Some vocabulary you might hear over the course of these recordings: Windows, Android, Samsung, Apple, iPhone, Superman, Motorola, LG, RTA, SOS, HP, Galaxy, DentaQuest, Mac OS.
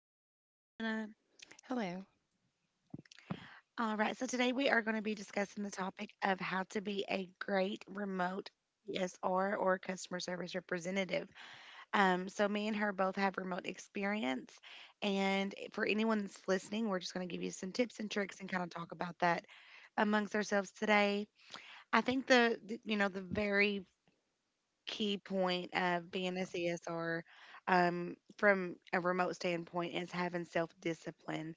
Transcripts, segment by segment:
to everybody, Shanna? Hello. All right, so today we are going to be discussing the topic of how to be a great remote CSR, or customer service representative. So me and her both have remote experience, and for anyone that's listening, we're just going to give you some tips and tricks and kind of talk about that amongst ourselves today. I think the the very key point of being a CSR, from a remote standpoint, is having self discipline.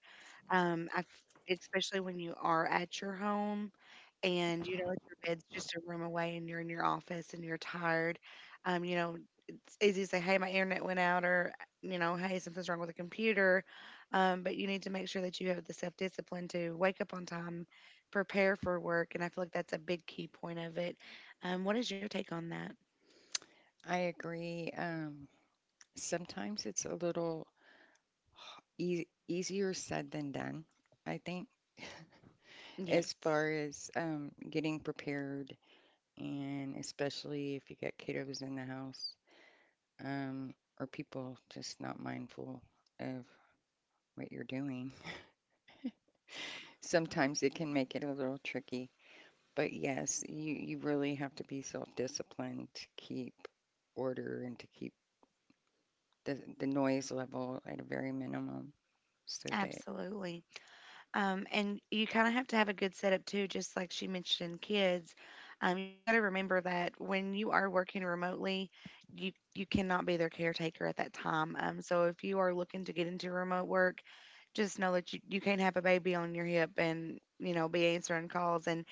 Um, I've, Especially when you are at your home, and you know, your bed's just a room away, and you're in your office, and you're tired. Um, you know, it's easy to say, "Hey, my internet went out," or "Hey, something's wrong with the computer." But you need to make sure that you have the self discipline to wake up on time, prepare for work, and I feel like that's a big key point of it. What is your take on that? I agree. Sometimes it's a little easier said than done, I think, as Yes, far as getting prepared, and especially if you get kiddos in the house, or people just not mindful of what you're doing. Sometimes it can make it a little tricky. But yes, you really have to be self disciplined to keep order and to keep the noise level at a very minimum so that. absolutely. And you kind of have to have a good setup too, just like she mentioned, kids. You got to remember that when you are working remotely, you cannot be their caretaker at that time. So if you are looking to get into remote work, just know that you can't have a baby on your hip and be answering calls. And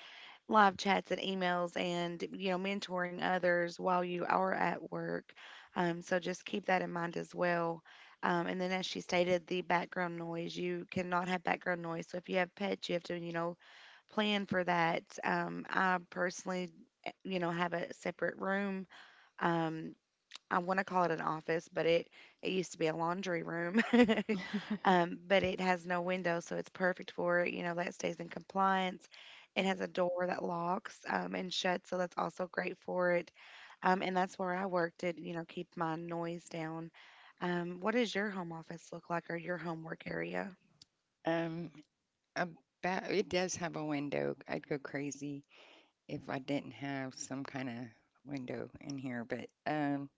live chats and emails and mentoring others while you are at work, so just keep that in mind as well. And then, as she stated, the background noise, you cannot have background noise. So if you have pets, you have to, plan for that. I personally, have a separate room. um, I want to call it an office, but it used to be a laundry room. But it has no window, so it's perfect for it. You know, that stays in compliance. It has a door that locks and shuts, so that's also great for it. And that's where I worked at, you know, keep my noise down. What does your home office look like, or your homework area? Um, about it does have a window. I'd go crazy if I didn't have some kind of window in here. But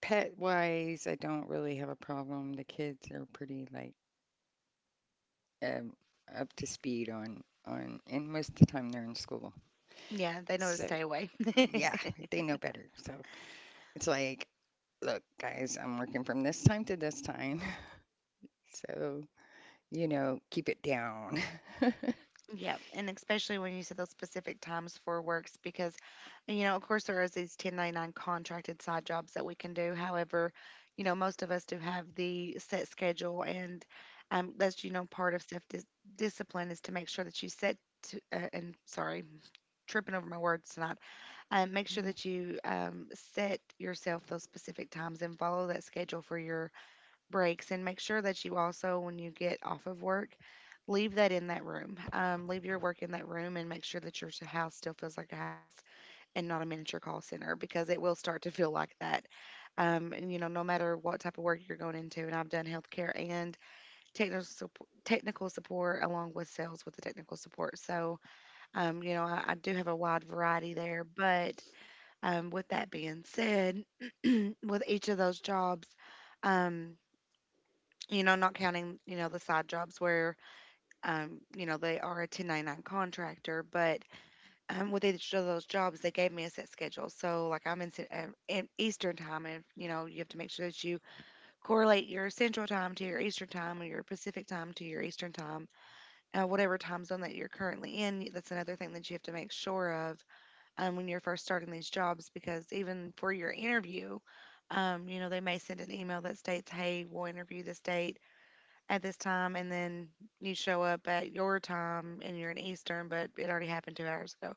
pet wise, I don't really have a problem. The kids are pretty like um up to speed on, and most of the time they're in school, Yeah, they know to so stay away. yeah, they know better. So it's like, look, guys, I'm working from this time to this time, so you know, keep it down. And Yeah, and especially when you said those specific times for works, because, and, you know, of course, there is these 1099 contracted side jobs that we can do. However, you know, most of us do have the set schedule, and that's, you know, part of self dis discipline is to make sure that you set. And sorry, tripping over my words tonight. Make sure you're, that you set yourself those specific times and follow that schedule for your breaks, and make sure that you also, when you get off of work, leave that in that room. Leave your work in that room, and make sure that your house still feels like a house and not a miniature call center, because it will start to feel like that. And you know, no matter what type of work you're going into, and I've done healthcare and technical support along with sales with the technical support. So I do have a wide variety there, but with that being said, with each of those jobs, um, you know, not counting, you know, the side jobs where, you know, they are a 1099 contractor, but with each of those jobs, they gave me a set schedule. So, like, I'm in, in Eastern time, and, you know, you have to make sure that you correlate your Central time to your Eastern time, or your Pacific time to your Eastern time, whatever time zone that you're currently in. That's another thing that you have to make sure of, when you're first starting these jobs, because even for your interview, you know, they may send an email that states, hey, we'll interview this date at this time, and then you show up at your time and you're in Eastern, but it already happened 2 hours ago,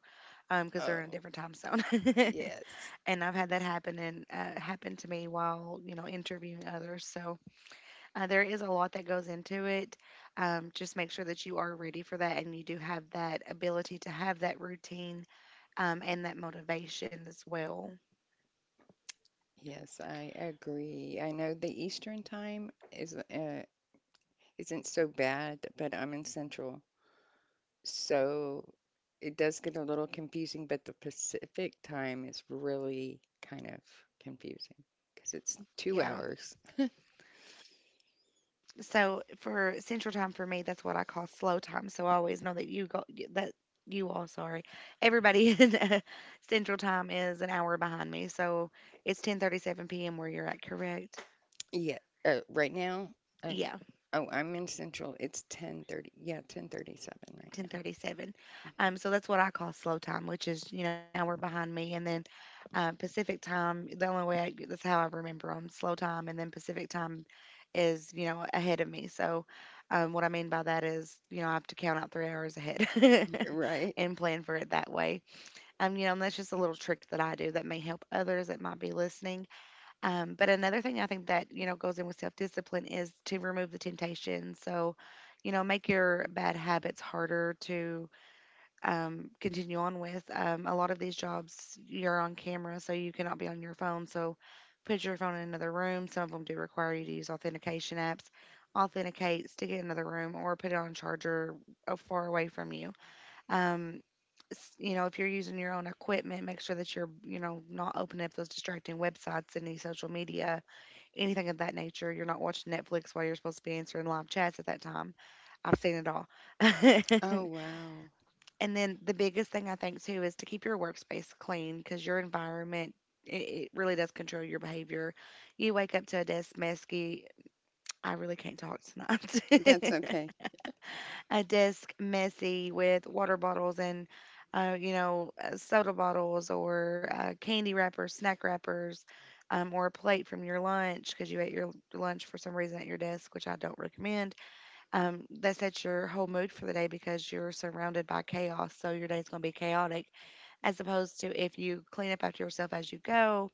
because they're in a oh different time zone. yes. And I've had that happen, and happen to me while, you know, interviewing others. So there is a lot that goes into it. Just make sure that you are ready for that, and you do have that ability to have that routine, and that motivation as well. Yes, I agree. I know the Eastern time is isn't so bad, but I'm in Central, so it does get a little confusing. But the Pacific time is really kind of confusing because it's two Yeah. hours. So for Central Time, for me, that's what I call slow time. So I always know that you go that you all, sorry, everybody, in Central Time, is an hour behind me. So it's 10:37 p.m. where you're at, correct? Yeah, right now, I'm, Yeah. oh, I'm in Central. It's 10:30. Yeah, 10:37 right now. 10:37. Mhm. So that's what I call slow time, which is, you know, an hour behind me, and then Pacific time. The only way that's how I remember them: slow time, and then Pacific time is, you know, ahead of me. So what I mean by that is, you know, I have to count out 3 hours ahead Right. and plan for it that way. You know, and that's just a little trick that I do that may help others that might be listening. But another thing I think that, you know, goes in with self discipline is to remove the temptation. So, you know, make your bad habits harder to continue on with. A lot of these jobs, you're on camera, so you cannot be on your phone. So, put your phone in another room. Some of them do require you to use authentication apps. Authenticate, stick it in another room, or put it on charger far away from you. Um, you know, if you're using your own equipment, make sure that you're, you know, not opening up those distracting websites and any social media, anything of that nature. You're not watching Netflix while you're supposed to be answering live chats at that time. I've seen it all. Oh wow, And then the biggest thing, I think, too, is to keep your workspace clean, because your environment, it really does control your behavior. You wake up to a desk messy. I really can't talk that's tonight. okay. A desk messy with water bottles, and soda bottles, or candy wrappers, snack wrappers, or a plate from your lunch, because you ate your lunch for some reason at your desk, which I don't recommend. That sets your whole mood for the day, because you're surrounded by chaos, so your day's going to be chaotic. As opposed to if you clean up after yourself as you go,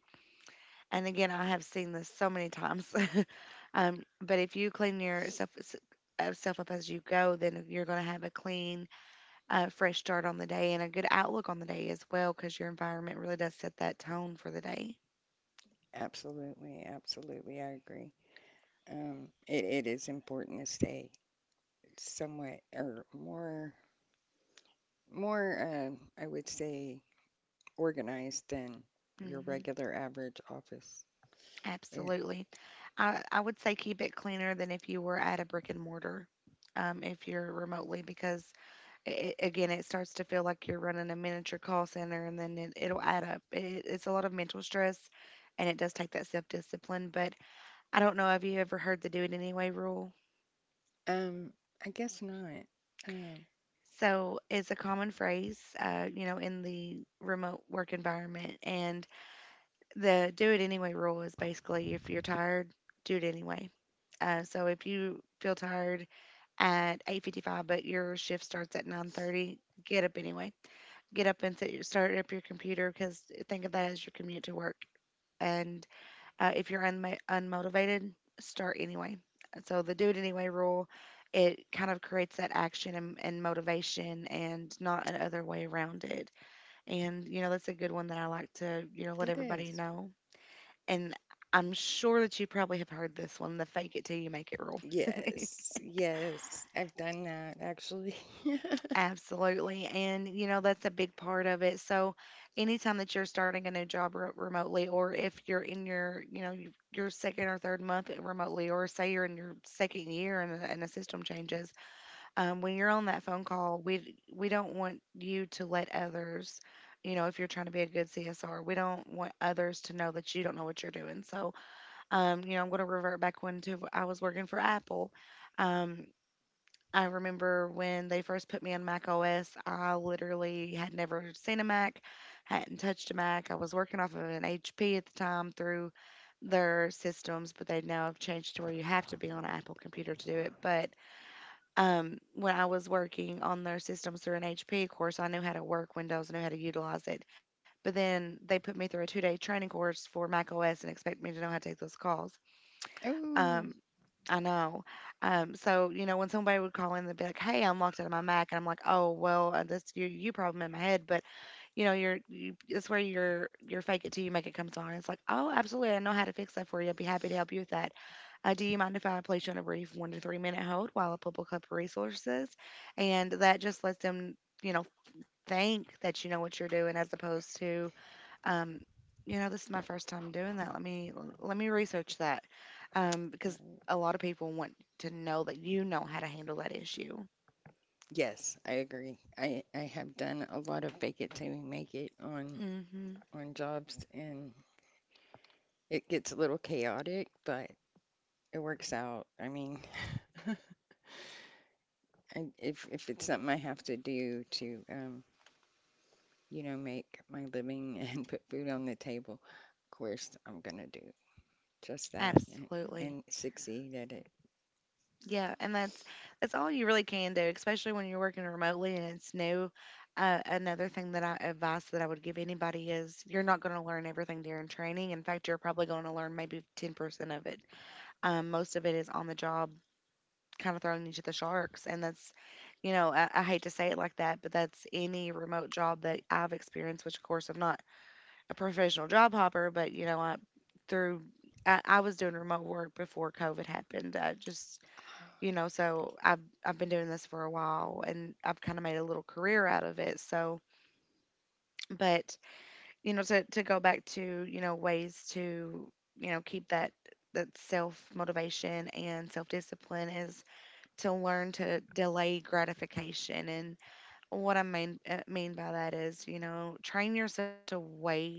and again, I have seen this so many times. But if you clean yourself self up as you go, then you're going to have a clean, fresh start on the day and a good outlook on the day as well, because your environment really does set that tone for the day. Absolutely, absolutely, I agree. Um, it is important to stay somewhat or more I would say organized than your hmm regular average office. Yeah. Absolutely. I would say keep it cleaner than if you were at a brick and mortar, if you're remotely, because again, it starts to feel like you're running a miniature call center, and then it'll add up. It's a lot of mental stress, and it does take that self discipline. But I don't know, have you ever heard the do it anyway rule? Um, I guess not. Um, So it's a common phrase, you know, in the remote work environment. And the do it anyway rule is basically, if you're tired, do it anyway. So if you feel tired at 8:55, but your shift starts at 9:30, get up anyway. Get up and sit, start up your computer, because think of that as your commute to work. And if you're unmotivated, start anyway. So the do it anyway rule, it kind of creates that action and motivation, and not another way around it. And, you know, that's a good one that I like to, you know, let that everybody is. know. And I'm sure that you probably have heard this one, the fake it till you make it rule. Yes, yes, I've done that actually. Absolutely. And, you know, that's a big part of it. So, anytime that you're starting a new job remotely, or if you're in your, you know, your second or third month remotely, or say you're in your second year and, and the system changes, when you're on that phone call, we don't want you to let others, you know, if you're trying to be a good CSR, we don't want others to know that you don't know what you're doing. So, you know, I'm going to revert back when to I was working for Apple. Um, I remember when they first put me on Mac OS, I literally had never seen a Mac, hadn't touched a Mac. I was working off of an HP at the time through their systems, but they now have changed to where you have to be on an Apple computer to do it. But when I was working on their systems through an HP, of course, I knew how to work Windows, I knew how to utilize it. But then they put me through a 2 day training course for Mac OS and expect me to know how to take those calls. Oh, Um, I know. So you know, when somebody would call in, they'd be like, "Hey, I'm locked out of my Mac," and I'm like, "Oh, well, that's your you problem in my head." But you know, that's where your fake it till you make it comes on. It's like, "Oh, absolutely, I know how to fix that for you. I'd be happy to help you with that. Do you mind if I place you on a brief 1 to 3 minute hold while I pull up a couple resources?" And that just lets them, you know, think that you know what you're doing as opposed to um, you know, this is my first time doing that. Let me research that because right. a lot of people want to know that you know how to handle that issue. Yes, I agree. I have done a lot of fake it till you make it Hmm. on jobs, and it gets a little chaotic, but it works out. I mean, I, if it's something I have to do to, you know, make my living and put food on the table, of course I'm gonna do just that Absolutely. and succeed at it. Yeah, and that's all you really can do, especially when you're working remotely and it's new. Another thing that I advice that I would give anybody is you're not going to learn everything during training. In fact, you're probably going to learn maybe 10% of it. Most of it is on the job kind of thrown you to the sharks. And that's, you know, I hate to say it like that, but that's any remote job that I've experienced, which of course I'm not a professional job hopper, but, you know, through, I was doing remote work before COVID happened. Ah, You know, so I've been doing this for a while and I've kind of made a little career out of it. So, but, you know, to go back to, you know, ways to, you know, keep that, self motivation and self discipline is to learn to delay gratification. And what I mean by that is, you know, train yourself to wait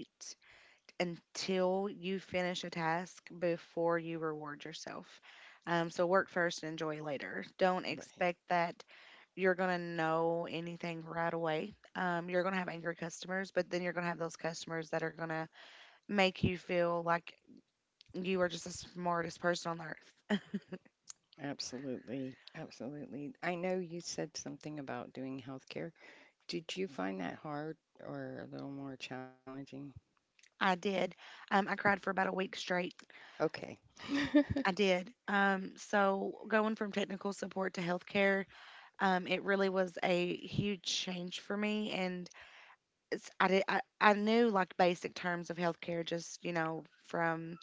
until you finish a task before you reward yourself. So work first and enjoy later. Don't right. expect that you're gonna know anything right away. You're gonna have angry customers, but then you're gonna have those customers that are gonna make you feel like you are just the smartest person on the earth. Absolutely. Absolutely. I know you said something about doing healthcare. Did you find that hard or a little more challenging? I did. I cried for about a week straight Okay. I did. So going from technical support to healthcare, it really was a huge change for me. And I knew like basic terms of healthcare, just, you know, from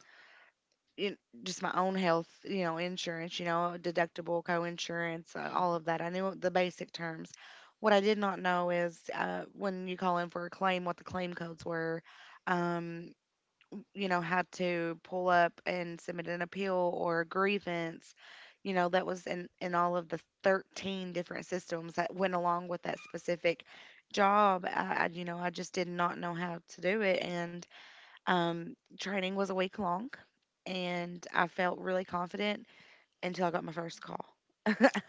you kn- just my own health, you know, insurance, you know, deductible, co-insurance, all of that. I knew the basic terms. What I did not know is when you call in for a claim, what the claim codes were. um, you know, had to pull up and submit an appeal or a grievance. You know, that was in all of the 13 different systems that went along with that specific job. You know, I just did not know how to do it. And training was a week long, and I felt really confident until I got my first call.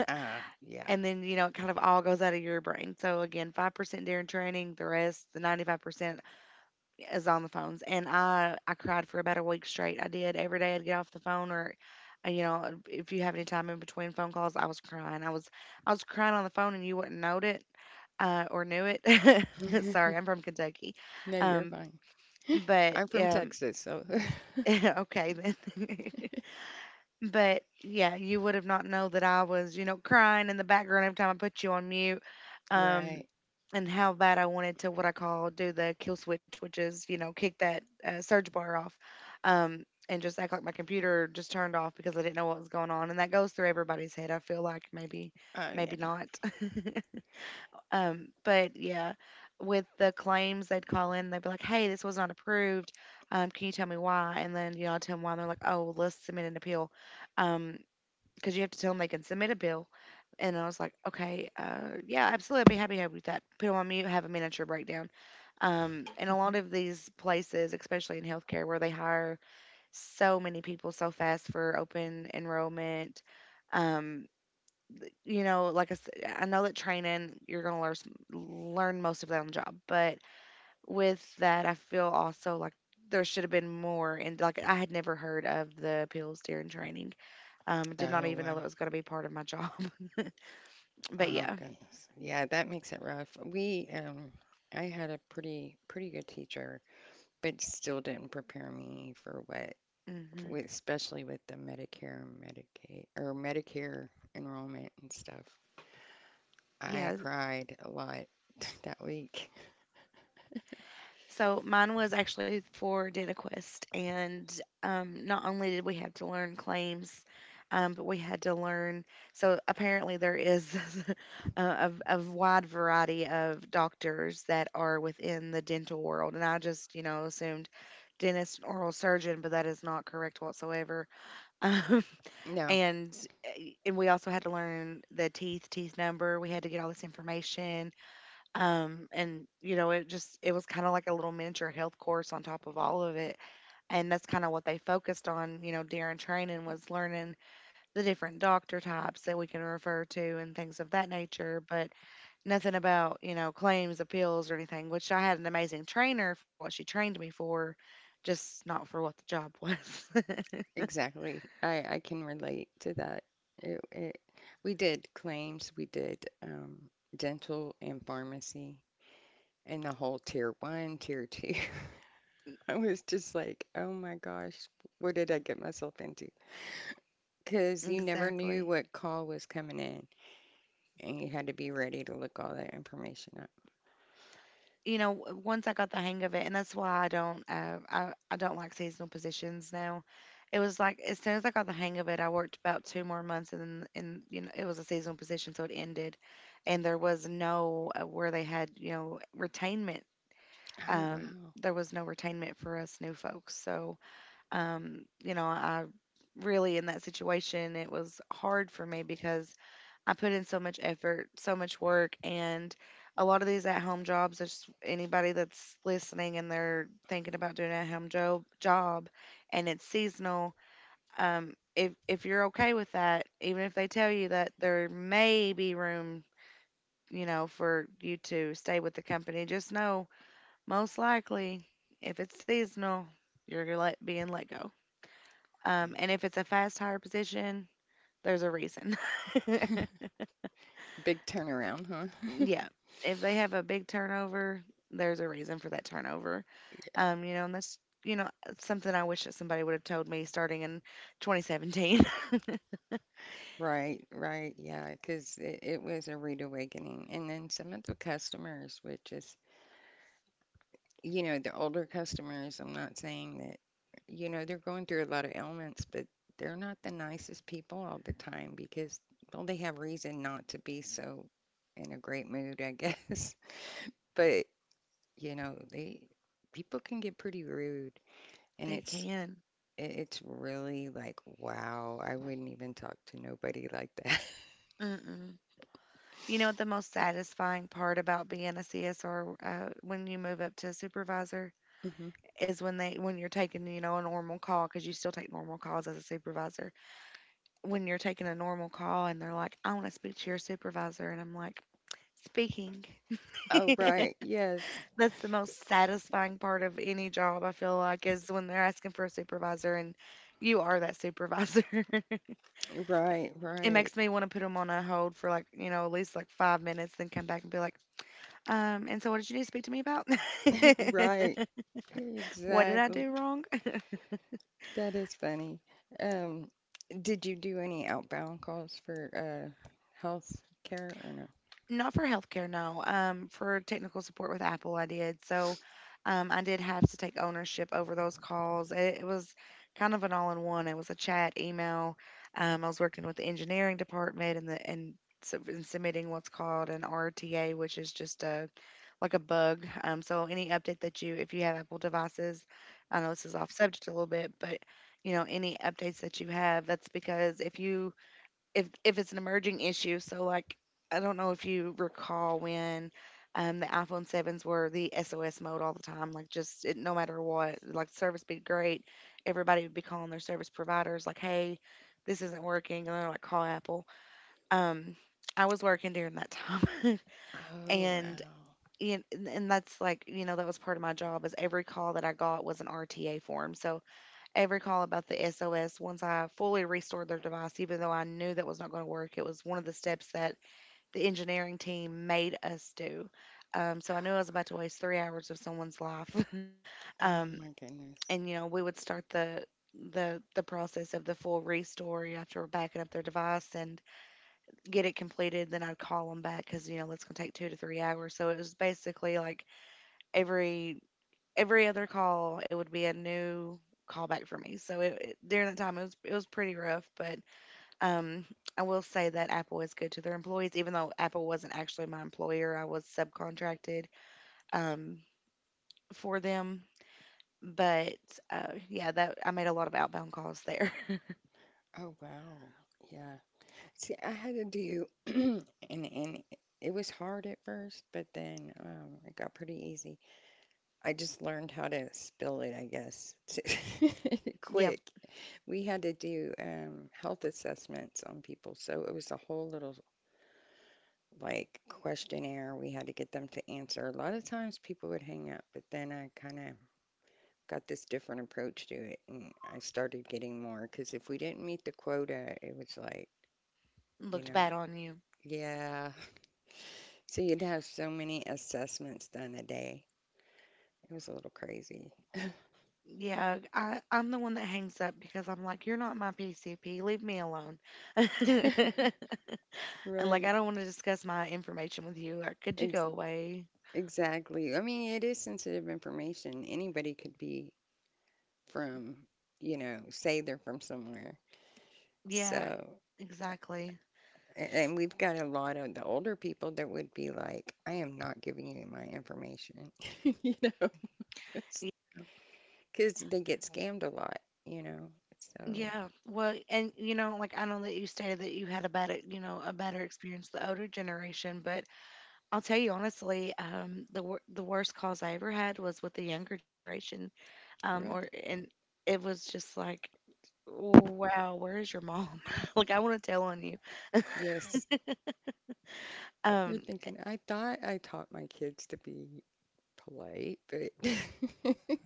Ah, yeah. And then, you know, it kind of all goes out of your brain. So, again, 5% during training, the rest, the 95%, is on the phones and I cried for about a week straight. I did. Every day I'd get off the phone or you know, if you have any time in between phone calls I was crying. I was crying on the phone and you wouldn't know it, or knew it. Sorry, I'm from Kentucky. No, you're Um fine. but I'm from Texas, so Okay, then. But yeah, you would have not known that I was, you know, crying in the background every time I put you on mute. Um, right. and how bad I wanted to what I call do the kill switch, which is, you know, kick that surge bar off. Um, and just act like my computer just turned off because I didn't know what was going on. And that goes through everybody's head. I feel like maybe, Oh, maybe yeah. not. But yeah, with the claims, they'd call in. They'd be like, "Hey, this was not approved. Can you tell me why?" And then you know, I tell them why. And they're like, "Oh, well, let's submit an appeal." Um because you have to tell them they can submit a bill. And I was like, okay, yeah, absolutely. I'd be happy to help you with that. Put them on mute, have a miniature breakdown. And a lot of these places, especially in healthcare, where they hire so many people so fast for open enrollment, um, you know, like I said, I know that training you're going to learn learn most of that on the job, but with that, I feel also like there should have been more. And like I had never heard of the appeals during training, did not Oh, even know wow. that was going to be part of my job. But Oh, yeah. goodness. Yeah, that makes it rough. We, I had a pretty, pretty good teacher, but still didn't prepare me for what, Hmm. with, especially with the Medicare, and Medicaid, or Medicare enrollment and stuff. I Yeah. cried a lot that week. So mine was actually for DentaQuest. And not only did we have to learn claims, but we had to learn. So apparently, there is a wide variety of doctors that are within the dental world. And I just, you know, assumed dentist and oral surgeon, but that is not correct whatsoever. No, And and we also had to learn the teeth, teeth number. We had to get all this information. And you know, it was kind of like a little miniature health course on top of all of it. And that's kind of what they focused on, you know, during training was learning the different doctor types that we can refer to and things of that nature, but nothing about, you know, claims, appeals, or anything, which I had an amazing trainer for what she trained me for, just not for what the job was. exactly. I can relate to that. It, it, we did claims, we did, dental and pharmacy, and the whole tier one, tier two. I was just like, oh my gosh, what did I get myself into? Because you never knew Exactly. what call was coming in, and you had to be ready to look all that information up. You know, once I got the hang of it, and that's why I don't, I don't like seasonal positions now. It was like as soon as I got the hang of it, I worked about 2 more months, and then, and you know, it was a seasonal position, so it ended, and there was no where they had, you know, retainment. Oh, Um, wow. there was no retainment for us new folks, so you know, I really in that situation, it was hard for me because I put in so much effort, so much work, and a lot of these at-home jobs. Just anybody that's listening and they're thinking about doing an at-home job, and it's seasonal. If you're okay with that, even if they tell you that there may be room, you know, for you to stay with the company, just know most likely if it's seasonal, being let go. Right. And if it's a fast hire position, there's a reason. Big turnaround, huh? Yeah. If they have a big turnover, there's a reason for that turnover. You know, and that's, you know, something I wish that somebody would have told me starting in 2017. Right, right. Yeah, because it was a rude awakening. And then some of the customers would just, you know, the older customers, I'm not saying that, you know, they're going through a lot of ailments, but they're not the nicest people all the time because, well, they have reason not to be so in a great mood, I guess. But, you know, they, people can get pretty rude They and it's, can. It's really like, wow, I wouldn't even talk to nobody like that. Mm-mm. You know what the most satisfying part about being a CSR when you move up to supervisor Hmm. is when you're taking you know a normal call, because you still take normal calls as a supervisor, when you're taking a normal call and they're like, "I want to speak to your supervisor." And I'm like, "Speaking." Oh, right. Yes. That's the most satisfying part of any job, I feel like, is when they're asking for a supervisor and you are that supervisor. Right. It Right. makes me want to put them on a hold for like, you know, at least like 5 minutes, then come back and be like, "And so what did you need to speak to me about?" Right. What did I Exactly. do wrong? That is funny. Um, did you do any outbound calls for health care or no? Not for healthcare, no. For technical support with Apple, I did. So, I did have to take ownership over those calls. It was kind of an all-in-one. It was a chat, email. I was working with the engineering department and submitting what's called an RTA, which is just a like a bug. So any update that if you have Apple devices, I know this is off subject a little bit, but you know any updates that you have, that's because if you if it's an emerging issue. So like I don't know if you recall when the iPhone sevens were the SOS mode all the time. Like no matter what, like service be great. Everybody would be calling their service providers like, "Hey, this isn't working," and they're like, "Call Apple." Um, I was working during that time, Oh and. wow. And that's like, you know, that was part of my job. Is every call that I got was an RTA form. So every call about the SOS, once I fully restored their device, even though I knew that was not going to work, it was one of the steps that the engineering team made us do. So I knew I was about to waste 3 hours of someone's life. Oh um, my goodness. and you know, we would start the process of the full restore after backing up their device and get it completed. Then I'd call them back because you know that's gonna take 2 to 3 hours. So it was basically like every every other call it would be a new call back for me. So during that time it was pretty rough, but um I will say that Apple is good to their employees. Even though Apple wasn't actually my employer, I was subcontracted um for them, but yeah, that I made a lot of outbound calls there. Oh wow. Yeah. See, I had to do and and it was hard at first, but then it got pretty easy. I just learned how to spill it, I guess. Yep. Quick. We had to do health assessments on people, so it was a whole little like questionnaire we had to get them to answer. A lot of times people would hang up, but then I kind of got this different approach to it and I started getting more because if we didn't meet the quota, it was like, you Looked know, bad on you. yeah. So you'd have so many assessments done a day. It was a little crazy. Yeah, I'm the one that hangs up because I'm like, "You're not my PCP, leave me alone." Like, Right. I don't want to discuss my information with you. Like, could you go Ex- away? exactly. I mean, it is sensitive information. Anybody could be from, you know, say they're from somewhere. Yeah, So. exactly. A- And we've got a lot of the older people that would be like, I am not giving you my information, you know, Y- because they get scammed a lot, you know. So, Yeah. Well, and you know, like I know that you stated that you had a better, you know, a better experience the older generation, but I'll tell you honestly, the worst calls I ever had was with the younger generation, really, or and it was just like, wow, where is your mom? Like, I want to tell on you. yes, you're Um, thinking, I thought I taught my kids to be polite, but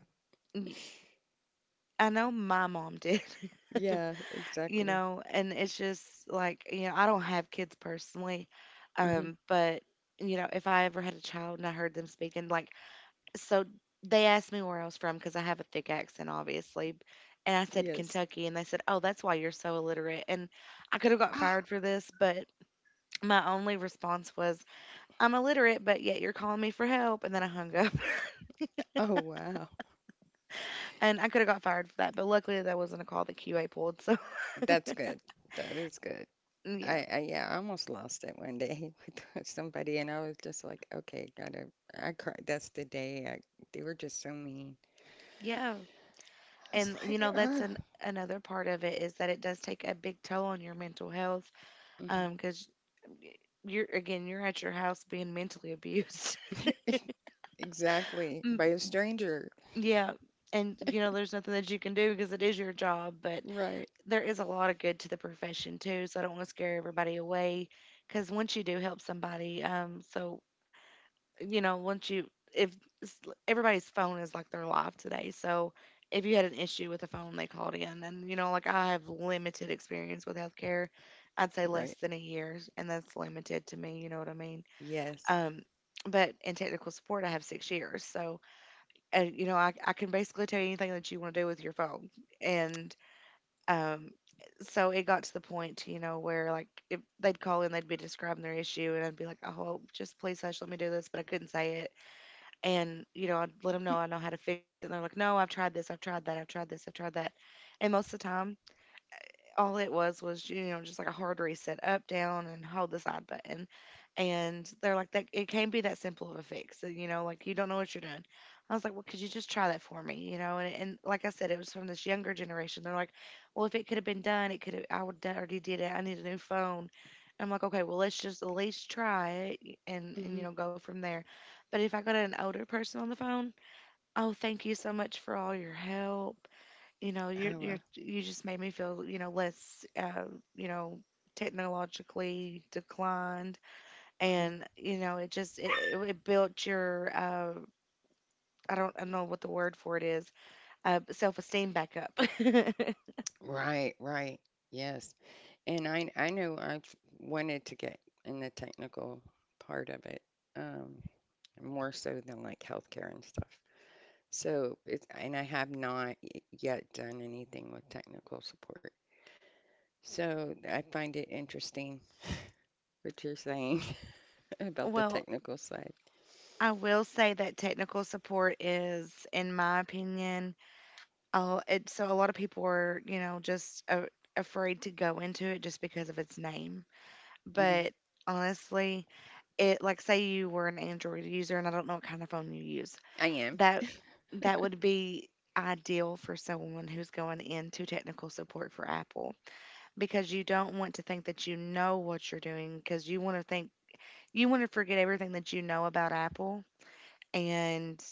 y- I know my mom did. yeah, You exactly. know, and it's just like, you know, I don't have kids personally, Hmm. But you know, if I ever had a child and I heard them speaking, like, so they asked me where I was from because I have a thick accent, obviously, and I said Yes. Kentucky, and they said, "Oh, that's why you're so illiterate," and I could have got fired for this, but my only response was, "I'm illiterate, but yet you're calling me for help," and then I hung up. Oh, wow. And I could have got fired for that, but luckily that wasn't a call that QA pulled, so That's good. That is good. yeah, I yeah, I almost lost it one day with somebody, and I was just like, okay, gotta. I cried. That's the day. I, they were just so mean. yeah. I was And you like, know, that's oh, an another part of it is that it does take a big toll on your mental health hmm because you're at your house being mentally abused. exactly Mm, by a stranger. yeah. And you know, there's nothing that you can do because it is your job, but Right, there is a lot of good to the profession too, so I don't want to scare everybody away, because once you do help somebody, you know, once you if s- everybody's phone is like their life today, so if you had an issue with a phone, they called in, and you know, like I have limited experience with healthcare. I'd say less right. than a year, and that's limited to me. You know what I mean? Yes. Um, but in technical support, I have 6 years, so you know, I can basically tell you anything that you want to do with your phone, and um. so it got to the point, you know, where like if they'd call in, they'd be describing their issue, and I'd be like, "Oh, just please hush, let me do this," but I couldn't say it. And you know, I'd let them know I know how to fix it. And they're like, "No, I've tried this, I've tried that, I've tried this, I've tried that." And most of the time, all it was you know just like a hard reset, up down and hold the side button, and they're like, "That, it can't be that simple of a fix, so you know, like you don't know what you're doing." I was like, "Well, could you just try that for me, you know?" And like I said, it was from this younger generation. They're like, "Well, if it could have been done, it could have, I would already did it, I need a new phone." I'm like, "Okay, well let's just at least try it and Hmm. you know, go from there." But if I got an older person on the phone, "Oh, thank you so much for all your help. You know, Oh, you're you're you just made me feel, you know, less you know, technologically declined." mhm. And you know, it just it built your I don't know what the word for it is, self-esteem back up. Right, right. Yes. And I know I wanted to get in the technical part of it, um, more so than like healthcare and stuff. So it's and I have not yet done anything with technical support. So I find it interesting what you're saying about the Well, technical side. I will say that technical support is, in my opinion, oh it so a lot of people are, you know, just afraid to go into it just because of its name. Hmm. But honestly, it, like say you were an Android user, and I don't know what kind of phone you use. I am. That would be ideal for someone who's going into technical support for Apple, because you don't want to think that you know what you're doing. Because you want to think, you want to forget everything that you know about Apple, and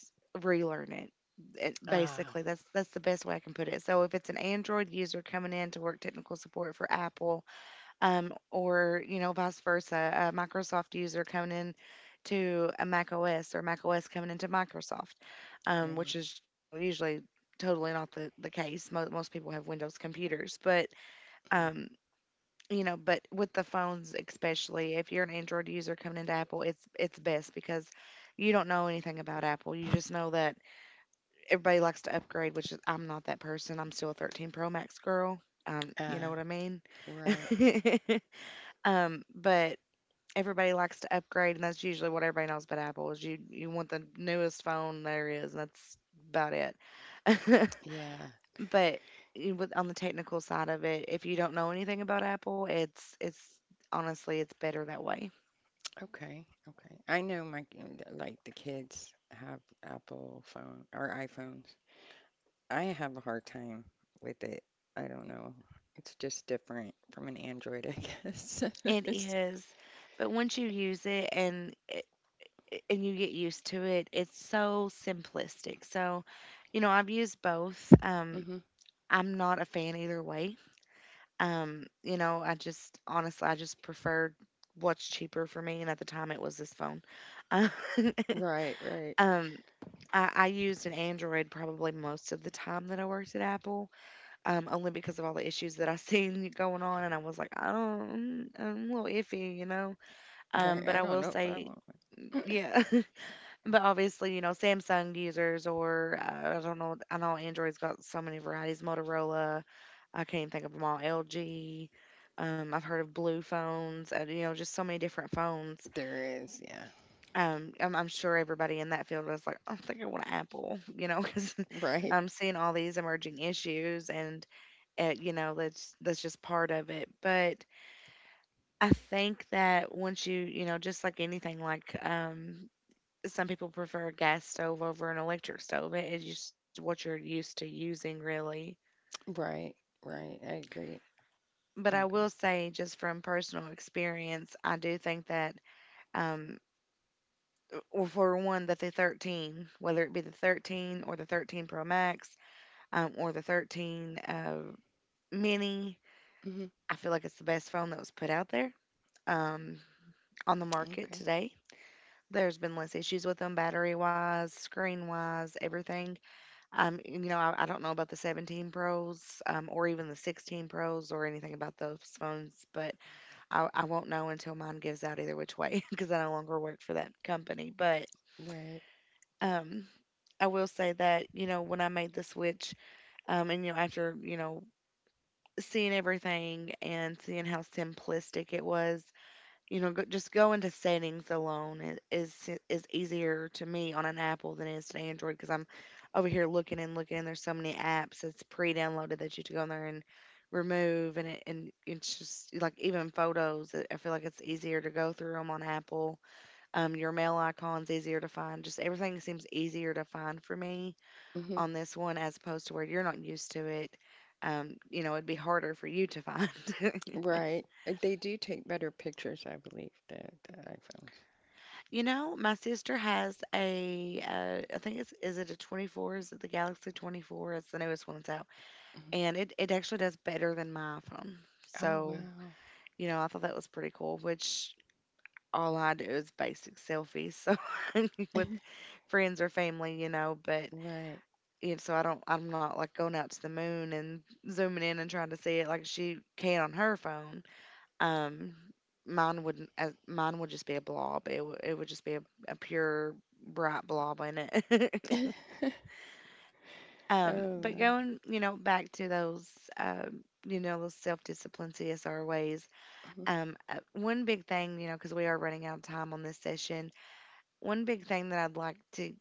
relearn it. It- Ah, basically that's the best way I can put it. So if it's an Android user coming in to work technical support for Apple, or you know, vice versa, a Microsoft user coming in to a Mac OS, or Mac OS coming into Microsoft, right. which is, you know, usually totally not the case. Most people have Windows computers, but Mhm. um, you know, but with the phones, especially if you're an Android user coming into Apple, it's best because you don't know anything about Apple. You just know that everybody likes to upgrade, which is, I'm not that person, I'm still a 13 Pro Max girl. You know Ah, what I mean? right. But everybody likes to upgrade, and that's usually what everybody knows about Apple, is you want the newest phone there is, and that's about it. Yeah. But with, on the technical side of it, if you don't know anything about Apple, it's honestly it's better that way. Okay. Okay. I know my like the kids have Apple phone or iPhones. I have a hard time with it. I don't know. It's just different from an Android, I guess. It is, but once you use it and you get used to it, it's so simplistic. So, you know, I've used both. Mhm. I'm not a fan either way. You know, I just honestly, I just preferred what's cheaper for me, and at the time it was this phone. Um, Right, um, I used an Android probably most of the time that I worked at Apple, only because of all the issues that I seen going on, and I was like, I don't, I'm a little iffy, you know. right. But I I don't will know if I say, want one. yeah. But obviously, you know, Samsung users, or I don't know. I know Android's got so many varieties. Motorola, I can't even think of them all. LG. I've heard of blue phones, and you know, just so many different phones. There is, yeah. I'm sure everybody in that field was like, I think I want an Apple, you know, because Right, I'm seeing all these emerging issues, and you know, that's just part of it. But I think that once you, you know, just like anything, like some people prefer a gas stove over an electric stove. It is what you're used to using, really. right, right. I agree. But I I will agree. say, just from personal experience, I do think that, um, well, for one, that the 13, whether it be the 13 or the 13 Pro Max, or the 13 Mini, Hmm. I feel like it's the best phone that was put out there, um, on the market Okay. today. There's been less issues with them, battery wise, screen wise, everything. You know, I don't know about the 17 Pros, or even the 16 Pros or anything about those phones, but I won't know until mine gives out either which way, because I no longer work for that company. But Right. um, I will say that, you know, when I made the switch, and, you know, after seeing everything and seeing how simplistic it was, you know, just going to settings alone is easier to me on an Apple than it is to Android because I'm over here looking and looking, and there's so many apps that's pre-downloaded that you have to go in there and remove. And it's just like even photos. I feel like it's easier to go through them on Apple. Your mail icon's easier to find. Just everything seems easier to find for me Hmm. on this one as opposed to where you're not used to it. You know, it'd be harder for you to find. Right. They do take better pictures, I believe, the iPhones. You know, my sister has I think it's, is it a 24? Is it the Galaxy 24? It's the newest one that's out. Mhm. And it actually does better than my iPhone. Oh So, wow. you know, I thought that was pretty cool, which all I do is basic selfies. So with friends or family, you know, but Right. you so I don't, I'm not like going out to the moon and zooming in and trying to see it like she can on her phone. Um, Mine wouldn't. Mine would just be a blob. It would. It would just be a pure bright blob in it. Oh But wow. going, you know, back to those, you know, those self-discipline CSR ways. Mm-hmm. One big thing, you know, because we are running out of time on this session. One big thing that I'd like to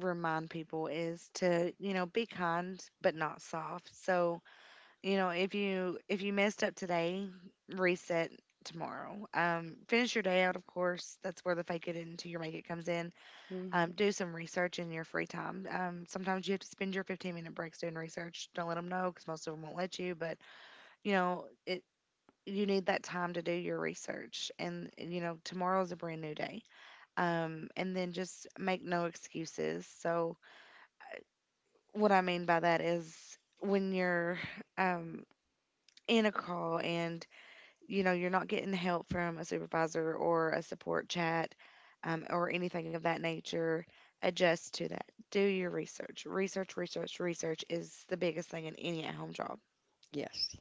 remind people is to, you know, be kind but not soft. So you know, if you messed up today, reset tomorrow, finish your day out. Of course that's where the fake it into your make it comes in. Mm-hmm. Do some research in your free time. Sometimes you have to spend your 15-minute breaks doing research. Don't let them know because most of them won't let you, but you know it, you need that time to do your research. And you know, tomorrow is a brand new day. And then just make no excuses. So what I mean by that is when you're um in a call and you know, you're not getting help from a supervisor or a support chat, or anything of that nature, adjust to that. Do your research. Research, research, research is the biggest thing in any at home job. Yes,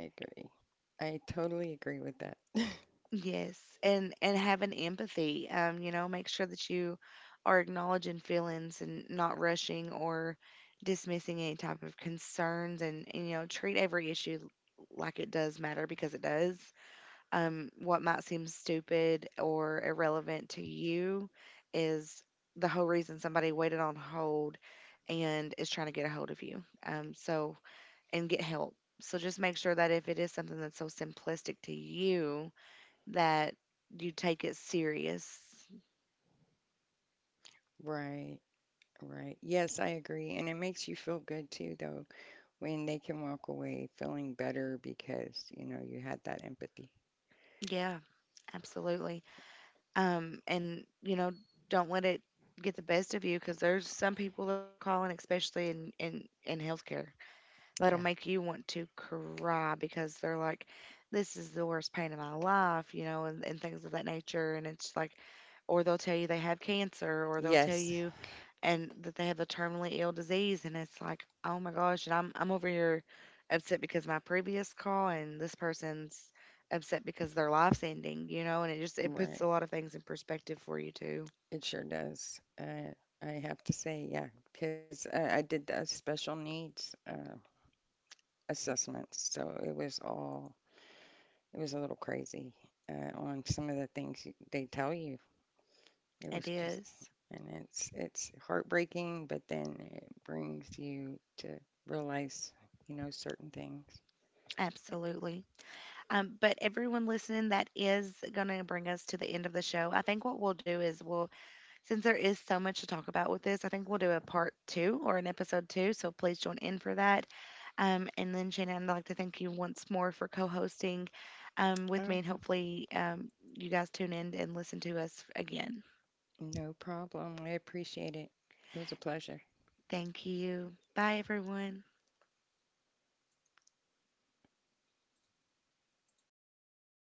I agree. I totally agree with that. Yes, and have an empathy. You know, make sure that you are acknowledging feelings and not rushing or dismissing any type of concerns, and you know, treat every issue like it does matter because it does. What might seem stupid or irrelevant to you is the whole reason somebody waited on hold and is trying to get a hold of you. So, and get help. So just make sure that if it is something that's so simplistic to you, that you take it serious. Right, right. Yes, I agree. And it makes you feel good too, though, when they can walk away feeling better because, you know, you had that empathy. Yeah, absolutely. And you know, don't let it get the best of you because there's some people that are calling, especially in in healthcare, that'll Yeah. make you want to cry because they're like, this is the worst pain of my life, you know, and things of that nature. And it's like, or they'll tell you they have cancer, or they'll tell Yes. you and that they have a terminally ill disease. And it's like, oh my gosh, and I'm over here upset because my previous call, and this person's upset because their life's ending, you know, and it puts Right. a lot of things in perspective for you too. It sure does. I have to say, yeah, because I did the special needs assessments, so it was all it was a little crazy on some of the things they tell you. It It was just, is. and it's heartbreaking, but then it brings you to realize, you know, certain things. Absolutely. But everyone listening, that is going to bring us to the end of the show. I think what we'll do is since there is so much to talk about with this, I think we'll do a part two or an episode two. So please join in for that. And then, Shannon, I'd like to thank you once more for co hosting with me. And hopefully, you guys tune in and listen to us again. No problem. I appreciate it. It was a pleasure. Thank you. Bye, everyone.